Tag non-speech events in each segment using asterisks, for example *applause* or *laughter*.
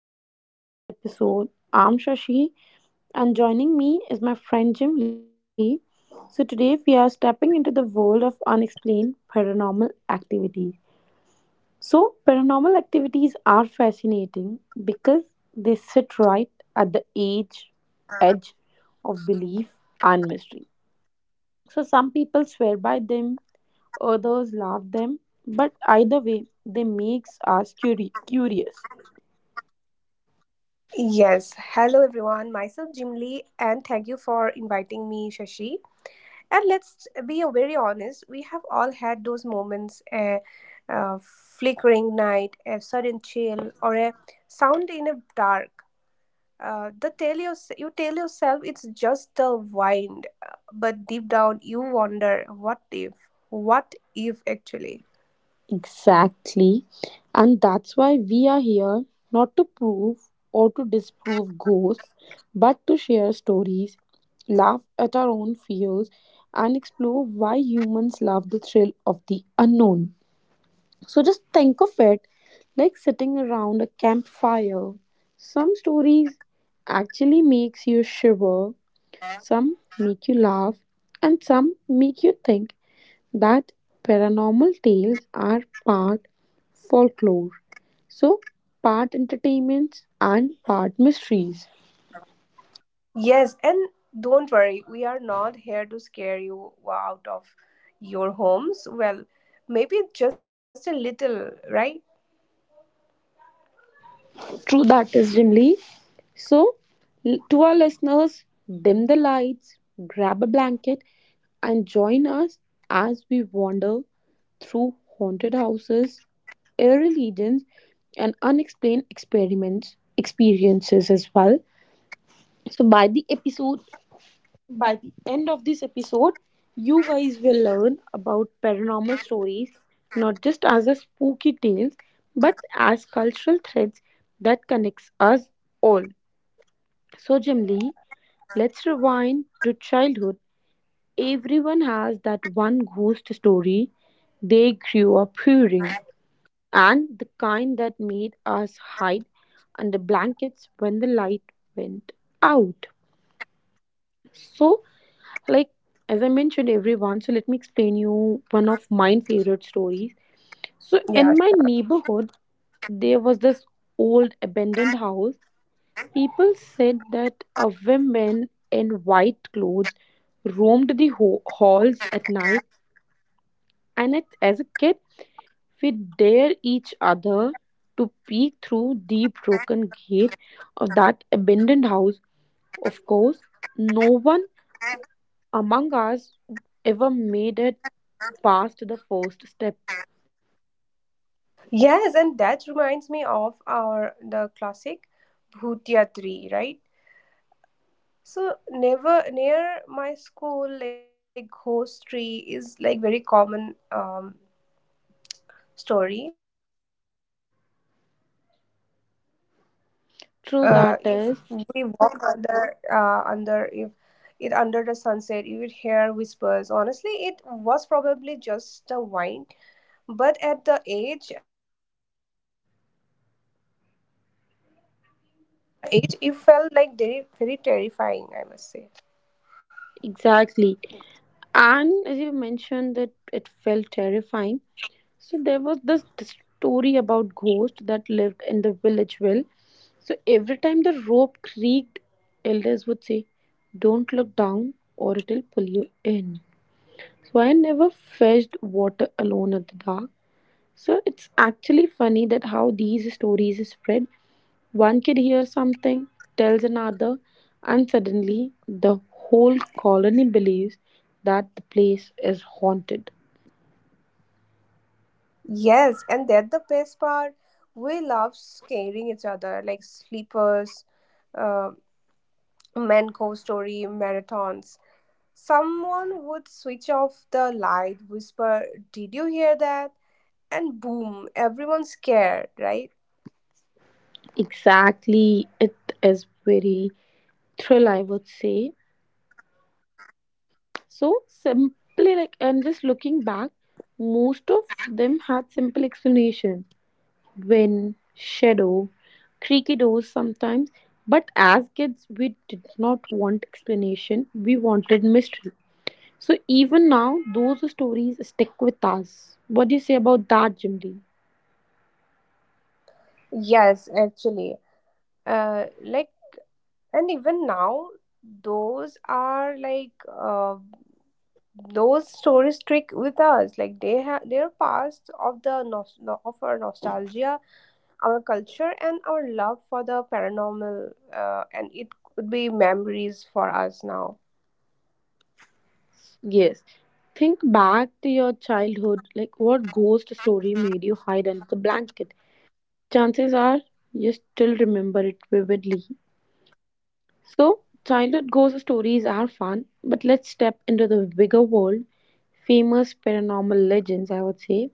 welcome to today's episode. I'm Shashi, and joining me is my friend Jim Lee. So, today we are stepping into the world of unexplained paranormal activity. So, paranormal activities are fascinating because they sit right at the edge of belief and mystery. So, some people swear by them, others laugh them, but either way, they makes us curious. Yes, hello everyone. Myself Jim Lee, and thank you for inviting me, Shashi. And let's be very honest, we have all had those moments a, flickering night, a sudden chill, or a sound in a dark. You tell yourself it's just the wind, but deep down you wonder what if actually. Exactly. And that's why we are here not to prove or to disprove ghosts, but to share stories, laugh at our own fears, and explore why humans love the thrill of the unknown. So just think of it like sitting around a campfire. Some stories actually makes you shiver, some make you laugh, and some make you think that paranormal tales are part folklore. So, part entertainments and part mysteries. Yes, and don't worry, we are not here to scare you out of your homes. Well, maybe just a little, right? True, that is Jimly. So, to our listeners, dim the lights, grab a blanket, and join us as we wander through haunted houses, eerie legends, and unexplained experiments experiences as well. So, by the episode By the end of this episode, you guys will learn about paranormal stories not just as a spooky tales but as cultural threads that connects us all. So Jimli, let's rewind to childhood. Everyone has that one ghost story they grew up hearing and the kind that made us hide under blankets when the light went out. So, like as I mentioned everyone, so let me explain you one of my favorite stories. So in Yeah. my neighborhood there was this old abandoned house. People said that a woman in white clothes roamed the halls at night. And it, as a kid, we dare each other to peek through the broken gate of that abandoned house. Of course, no one among us ever made it past the first step. Yes, and that reminds me of our the classic Bhutia tree, right? So never near my school, like ghost tree is like very common story True, that if is. we walk under under if it under the sunset you would hear whispers. Honestly, it was probably just the wine, but at the age It felt like very, very terrifying, I must say. Exactly. And as you mentioned, that it felt terrifying. So there was this story about ghost that lived in the village well. So every time the rope creaked, elders would say, "Don't look down, or it'll pull you in." So I never fetched water alone at the dark. So it's actually funny that how these stories spread. One kid hears something, tells another, and suddenly the whole colony believes that the place is haunted. Yes, and that the best part, we love scaring each other like sleepers, uh, manco story marathons. Someone would switch off the light, whisper, "Did you hear that?" And boom, everyone's scared, right? Exactly, it is very thrill, I would say. So simply like and just looking back, most of them had simple explanation. When Shadow, creaky doors sometimes. But as kids, we did not want explanation, we wanted mystery. So even now, those stories stick with us. What do you say about that, Jimdi? Yes, actually, uh, like and even now, those are like, uh, those stories stick with us, like they are parts of the of our nostalgia, our culture and our love for the paranormal. And it could be memories for us now. Yes. Think back to your childhood, like what ghost story made you hide under the blanket? Chances are you still remember it vividly. So, childhood ghost stories are fun, but let's step into the bigger world, famous paranormal legends, I would say.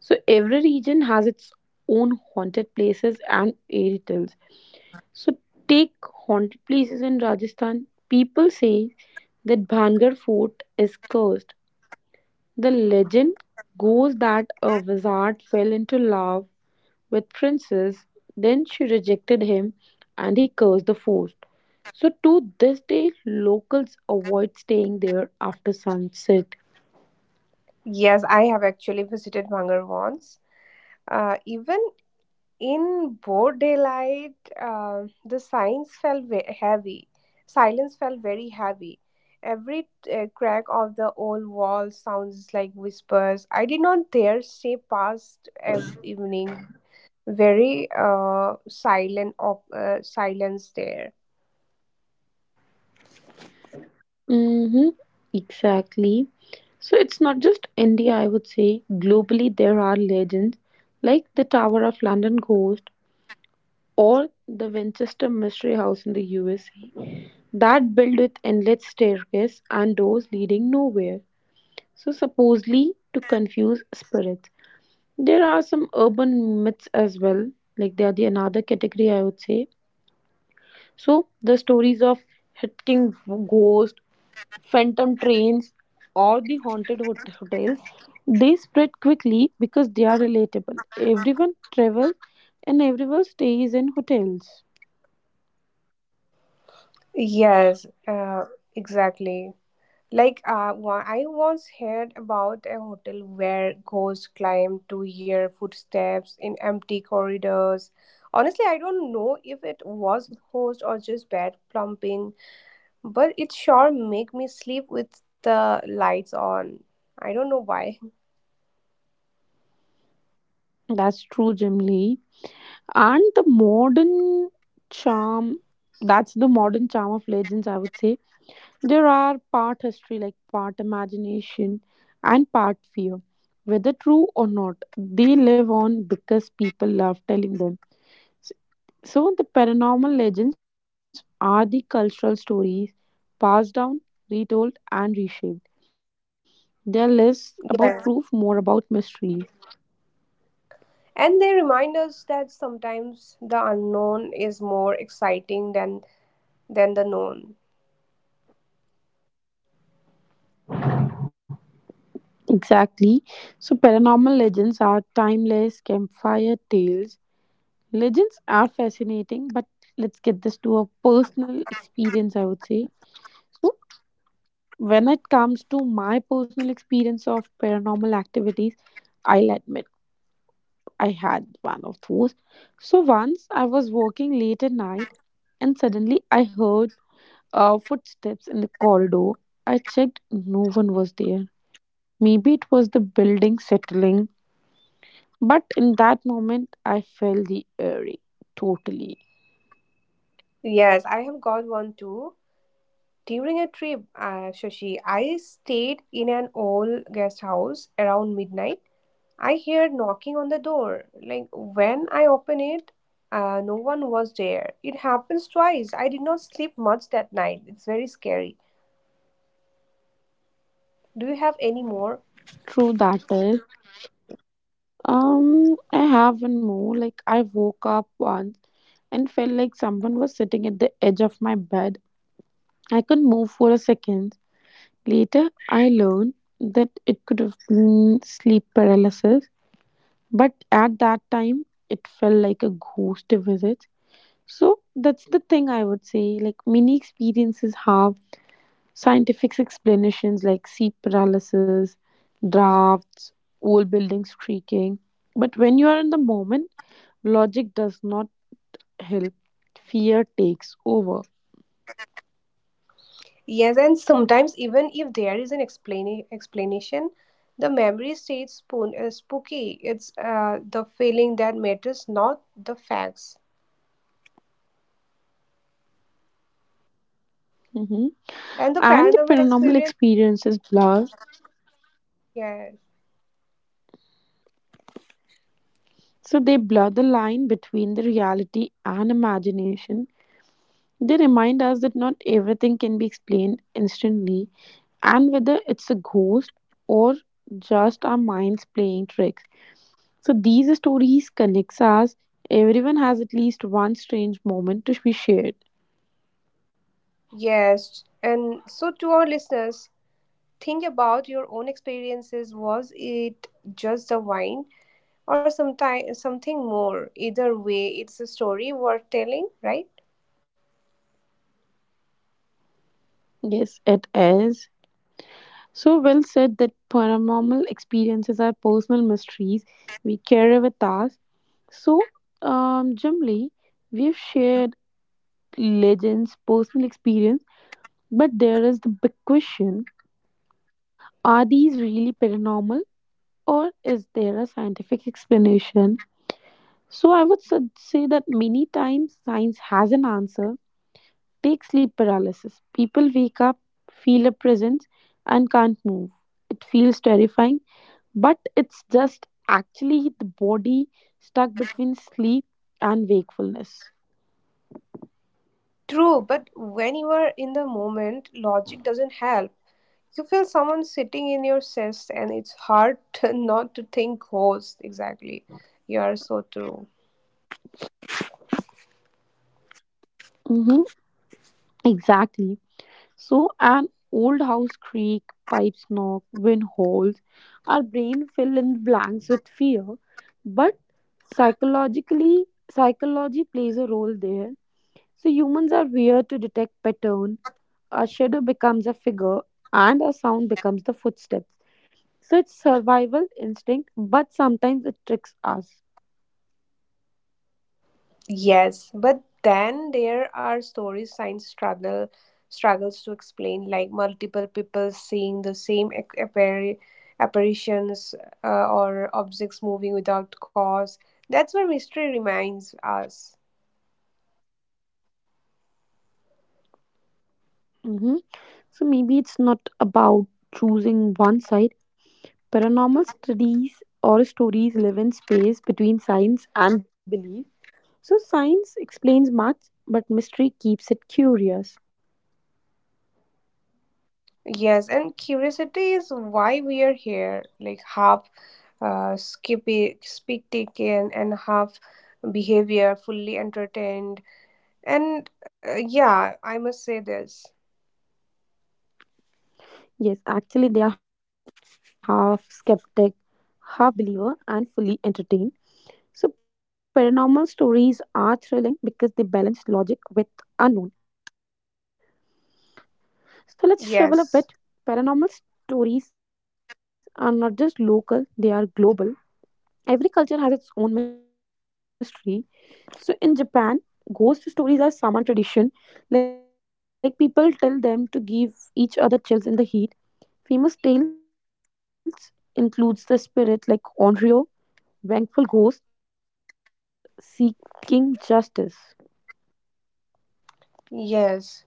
So, every region has its own haunted places and fairy tales. So, take haunted places in Rajasthan. People say that Bhangar fort is cursed. The legend goes that a wizard fell into lava with Princess. Then she rejected him and he cursed the forest. So, to this day, locals avoid staying there after sunset. Yes, I have actually visited Bhangar once. Even in broad daylight, the signs felt heavy. Silence felt very heavy. Every crack of the old wall sounds like whispers. I did not dare stay past evening. Very silent, silence there. Mm-hmm, exactly. So it's not just India, I would say. Globally, there are legends like the Tower of London Ghost or the Winchester Mystery House in the USA that built with endless staircase and doors leading nowhere. So supposedly to confuse spirits. There are some urban myths as well, like they are the another category I would say. So the stories of hitting ghosts, phantom trains, or the hotels, they spread quickly because they are relatable. Everyone travels and everyone stays in hotels. Yes, exactly. Like I once heard about a hotel where ghosts climb to hear footsteps in empty corridors. Honestly, I don't know if it was ghost or just bad plumping, but it sure make me sleep with the lights on. I don't know why. That's true, Jim Lee. And charm, that's the modern charm of legends, I would say. There are part history, like part imagination and part fear. Whether true or not, they live on because people love telling them. S- So, the paranormal legends are the cultural stories passed down, retold, and reshaped. They are less about Yeah. proof, more about mystery. And they remind us that sometimes the unknown is more exciting than the known. Exactly. So, paranormal legends are timeless campfire tales. Legends are fascinating, but let's get this to a personal experience, I would say. So when it comes to my personal experience of paranormal activities, I'll admit I had one of those. So once I was working late at night and suddenly I heard footsteps in the corridor. I checked, no one was there. Maybe it was the building settling, but in that moment I felt the eerie totally. Yes, I have got one too. During a trip, Shashi, I stayed in an old guest house around midnight. I heard knocking on the door. Like when I open it, no one was there. It happens twice. I did not sleep much that night. It's very scary. Do you have any more? True that is. I have one more. Like I woke up once and felt like someone was sitting at the edge of my bed. I could move for a second. Later, I learned that it could have been sleep paralysis, but at that time, it felt like a ghost visit. So that's the thing I would say. Like many experiences have scientific explanations, like sleep paralysis, drafts, old buildings creaking. But when you are in the moment, logic does not help. Fear takes over. Yes, and sometimes even if there is an explain explanation, the memory stays spooky. It's the feeling that matters, not the facts. Mhm. And the And the paranormal paranormal experience. experiences blur. Yeah. So they blur the line between the reality and imagination. They remind us that not everything can be explained instantly, and whether it's a ghost or just our minds playing tricks. So these stories connects us. Everyone has at least one strange moment to be shared. Yes, and so to our listeners, think about your own experiences. Was it just a wine or sometime something more? Either way, it's a story worth telling, right? Yes, it is. So well said that paranormal experiences are personal mysteries we carry with us. So, Jimli, we've shared legends, personal experience. But there is the big question, are these really paranormal or is there a scientific explanation? So I would say that many times science has an answer. Take sleep paralysis. People wake up, feel a presence, and can't move. It feels terrifying, but it's just actually the body stuck between sleep and wakefulness. True, but when you are in the moment, logic doesn't help. You feel someone sitting in your chest, and it's hard *laughs* to not to think ghost. Exactly, you are so true. Mm-hmm. Exactly. So, an old house creak, pipes knock, wind howls. Our brain fill in blanks with fear, but psychologically, psychology plays a role there. So, humans are weird to detect pattern. A shadow becomes a figure, and a sound becomes the footsteps. So, it's survival instinct, but sometimes it tricks us. Yes, but then there are stories science struggles to explain, like multiple people seeing the same apparitions, or objects moving without cause. That's where mystery reminds us. Mhm. So, maybe it's not about choosing one side. Paranormal studies or stories live in space between science and belief. So, science explains much, but mystery keeps it curious. Yes, and curiosity is why we are here, like half skippy, spectacle and half behavior, fully entertained. And yeah, I must say this. Yes, actually, they are half skeptic, half believer, and fully entertained. So, paranormal stories are thrilling because they balance logic with unknown. So, let's travel a Yes, bit. Paranormal stories are not just local, they are global. Every culture has its own mystery. So in Japan, ghost stories are summer tradition. Like people tell them to give each other chills in the heat. Famous tales includes the spirit like Onryo, vengeful ghost seeking justice. yes.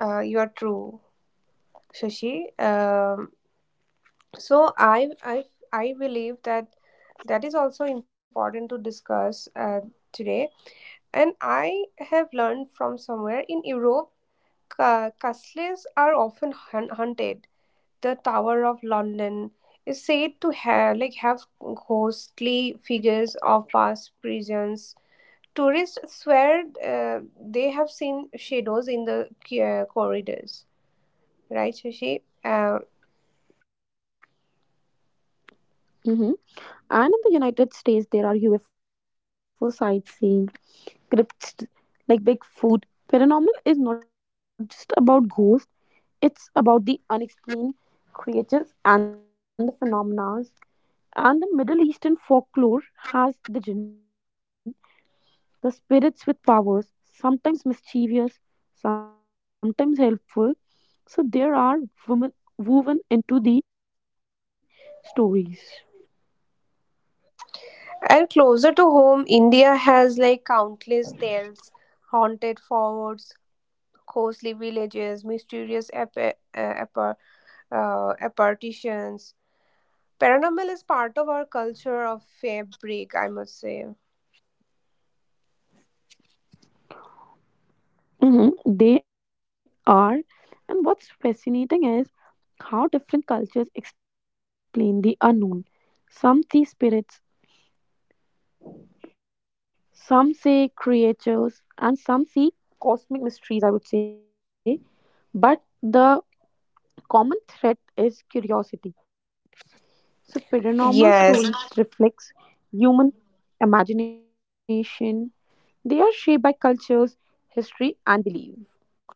You are true, Shashi. So I believe that is also important to discuss today. And I have learned from somewhere in Europe, castles are often hunted. The Tower of London is said to have ghostly figures of past prisons. Tourists swear they have seen shadows in the corridors, right, Shashi? Hmm. And in the United States, there are UFO sightseeing, crypts like Bigfoot. Paranormal is not just about ghosts; it's about the unexplained creatures and the phenomena. And the Middle Eastern folklore has the jinn, the spirits with powers, sometimes mischievous, sometimes helpful. So there are women woven into the stories. And closer to home, India has like countless tales, haunted forts, ghostly villages, mysterious apar- apparitions. Paranormal is part of our culture of fabric, I must say. Mm-hmm. They are. And what's fascinating is how different cultures explain the unknown. Some see spirits, some say creatures, and some see cosmic mysteries, I would say. But the common thread is curiosity. So paranormal Yes, stories reflects human imagination. They are shaped by cultures, history and belief.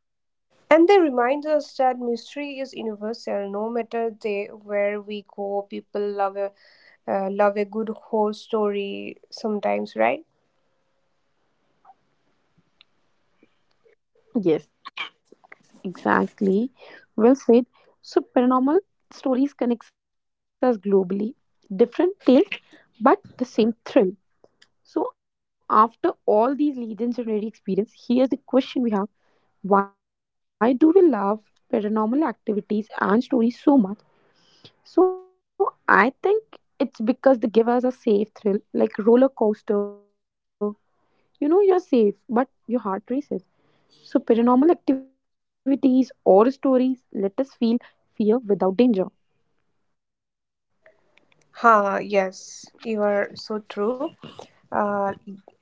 and they remind us that mystery is universal. No matter they, where we go, people love a good horror story sometimes, right? Yes, exactly. Well said. So paranormal stories connects us globally. Different tales but the same thrill. So after all these legendary experience, here's the question we have. Why do we love paranormal activities and stories so much? So I think it's because they give us a safe thrill, like roller coaster. You know you're safe, but your heart races. So paranormal activities or stories let us feel fear without danger. Ha, yes, you are so true. uh,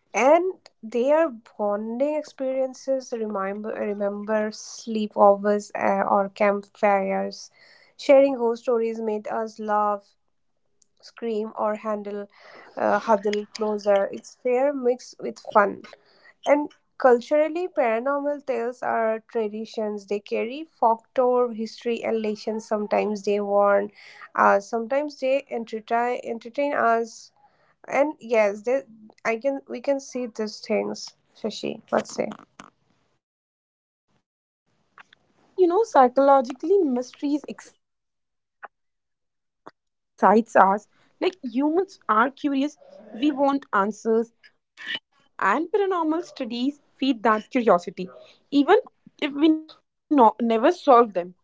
and their bonding experiences, remember sleepovers or campfires, sharing ghost stories made us laugh, scream or handle huddle closer. It's fair mixed with fun. And culturally, paranormal tales are traditions. They carry folklore, history and legends. Sometimes they warn, sometimes they entertain us. And yes, there, I can we can see these things, Shashi. Let's say Mm-hmm. True that is. And you know, psychologically, mysteries excites us. Like humans are curious, we want answers, and paranormal studies feed that curiosity, even if we never solve them. So let's be honest with this, Jimli.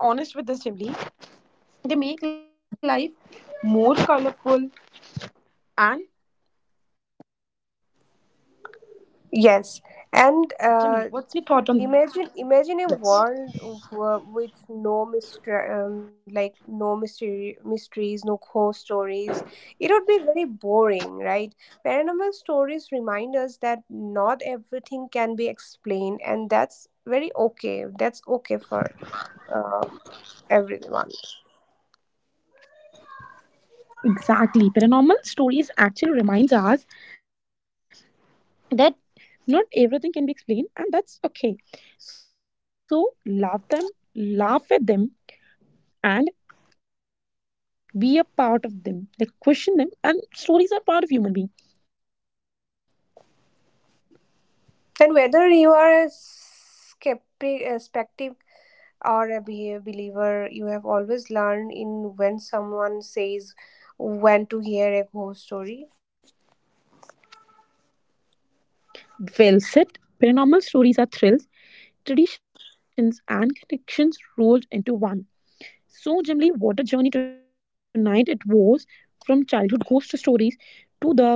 They make life more colorful. And Jimli, yes. what's your thought And on this? Imagine a world with no mystery, like no mystery mysteries, no ghost stories. It would be very boring, right? Paranormal stories remind us that not everything can be explained, and that's very okay. That's okay for uh, everyone. Exactly. Paranormal stories actually reminds us that not everything can be explained and that's okay. So love them, laugh at them, and be a part of them, like question them, and stories are part of human being. And whether you are a skeptic, a skeptic, or a believer, you have always learned in when someone says when to hear a ghost story. Well said. Paranormal stories are thrills, traditions and connections rolled into one. So generally what a journey tonight it was, from childhood ghost stories to the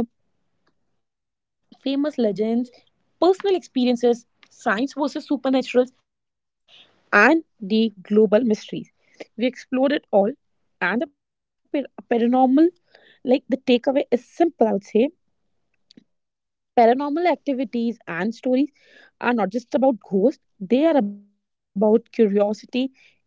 famous legends, personal experiences, science versus supernaturals, and the global mysteries. We explored it all, and the paranormal, like the takeaway is simple, I would say. Paranormal activities and stories are not just about ghosts, they are about curiosity, culture, and connection.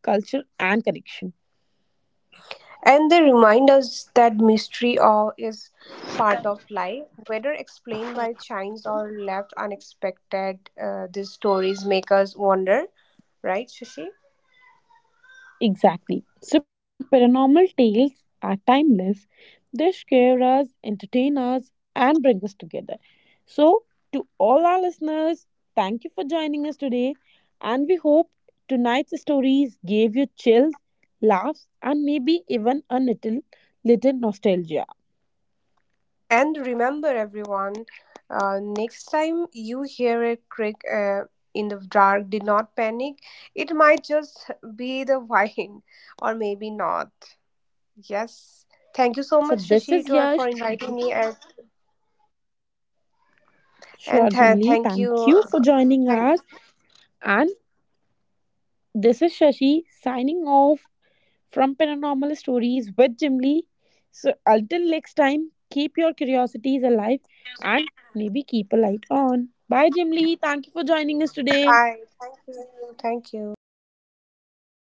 And they remind us that mystery awe is part of life, whether explained by chance or left unexpected. These stories make us wonder, right, Shushi? Exactly. So paranormal tales are timeless. They scare us, entertain us, and bring us together. So, to all our listeners, thank you for joining us today. And we hope tonight's stories gave you chills, laughs, and maybe even little nostalgia. And remember, everyone, next time you hear a creak in the dark, do not panic. It might just be the *laughs* wind, or maybe not. Yes. Thank you so So, much, this Shashi, is for Yash. inviting me, *laughs* and Sure and th- Jimli. thank Thank you, you for uh, joining thank us. you, And this is Shashi signing off from paranormal stories with Jim Lee. So until next time, keep your curiosities alive and maybe keep a light on. Bye, Jim Lee. Thank you for joining us today. bye, thank you.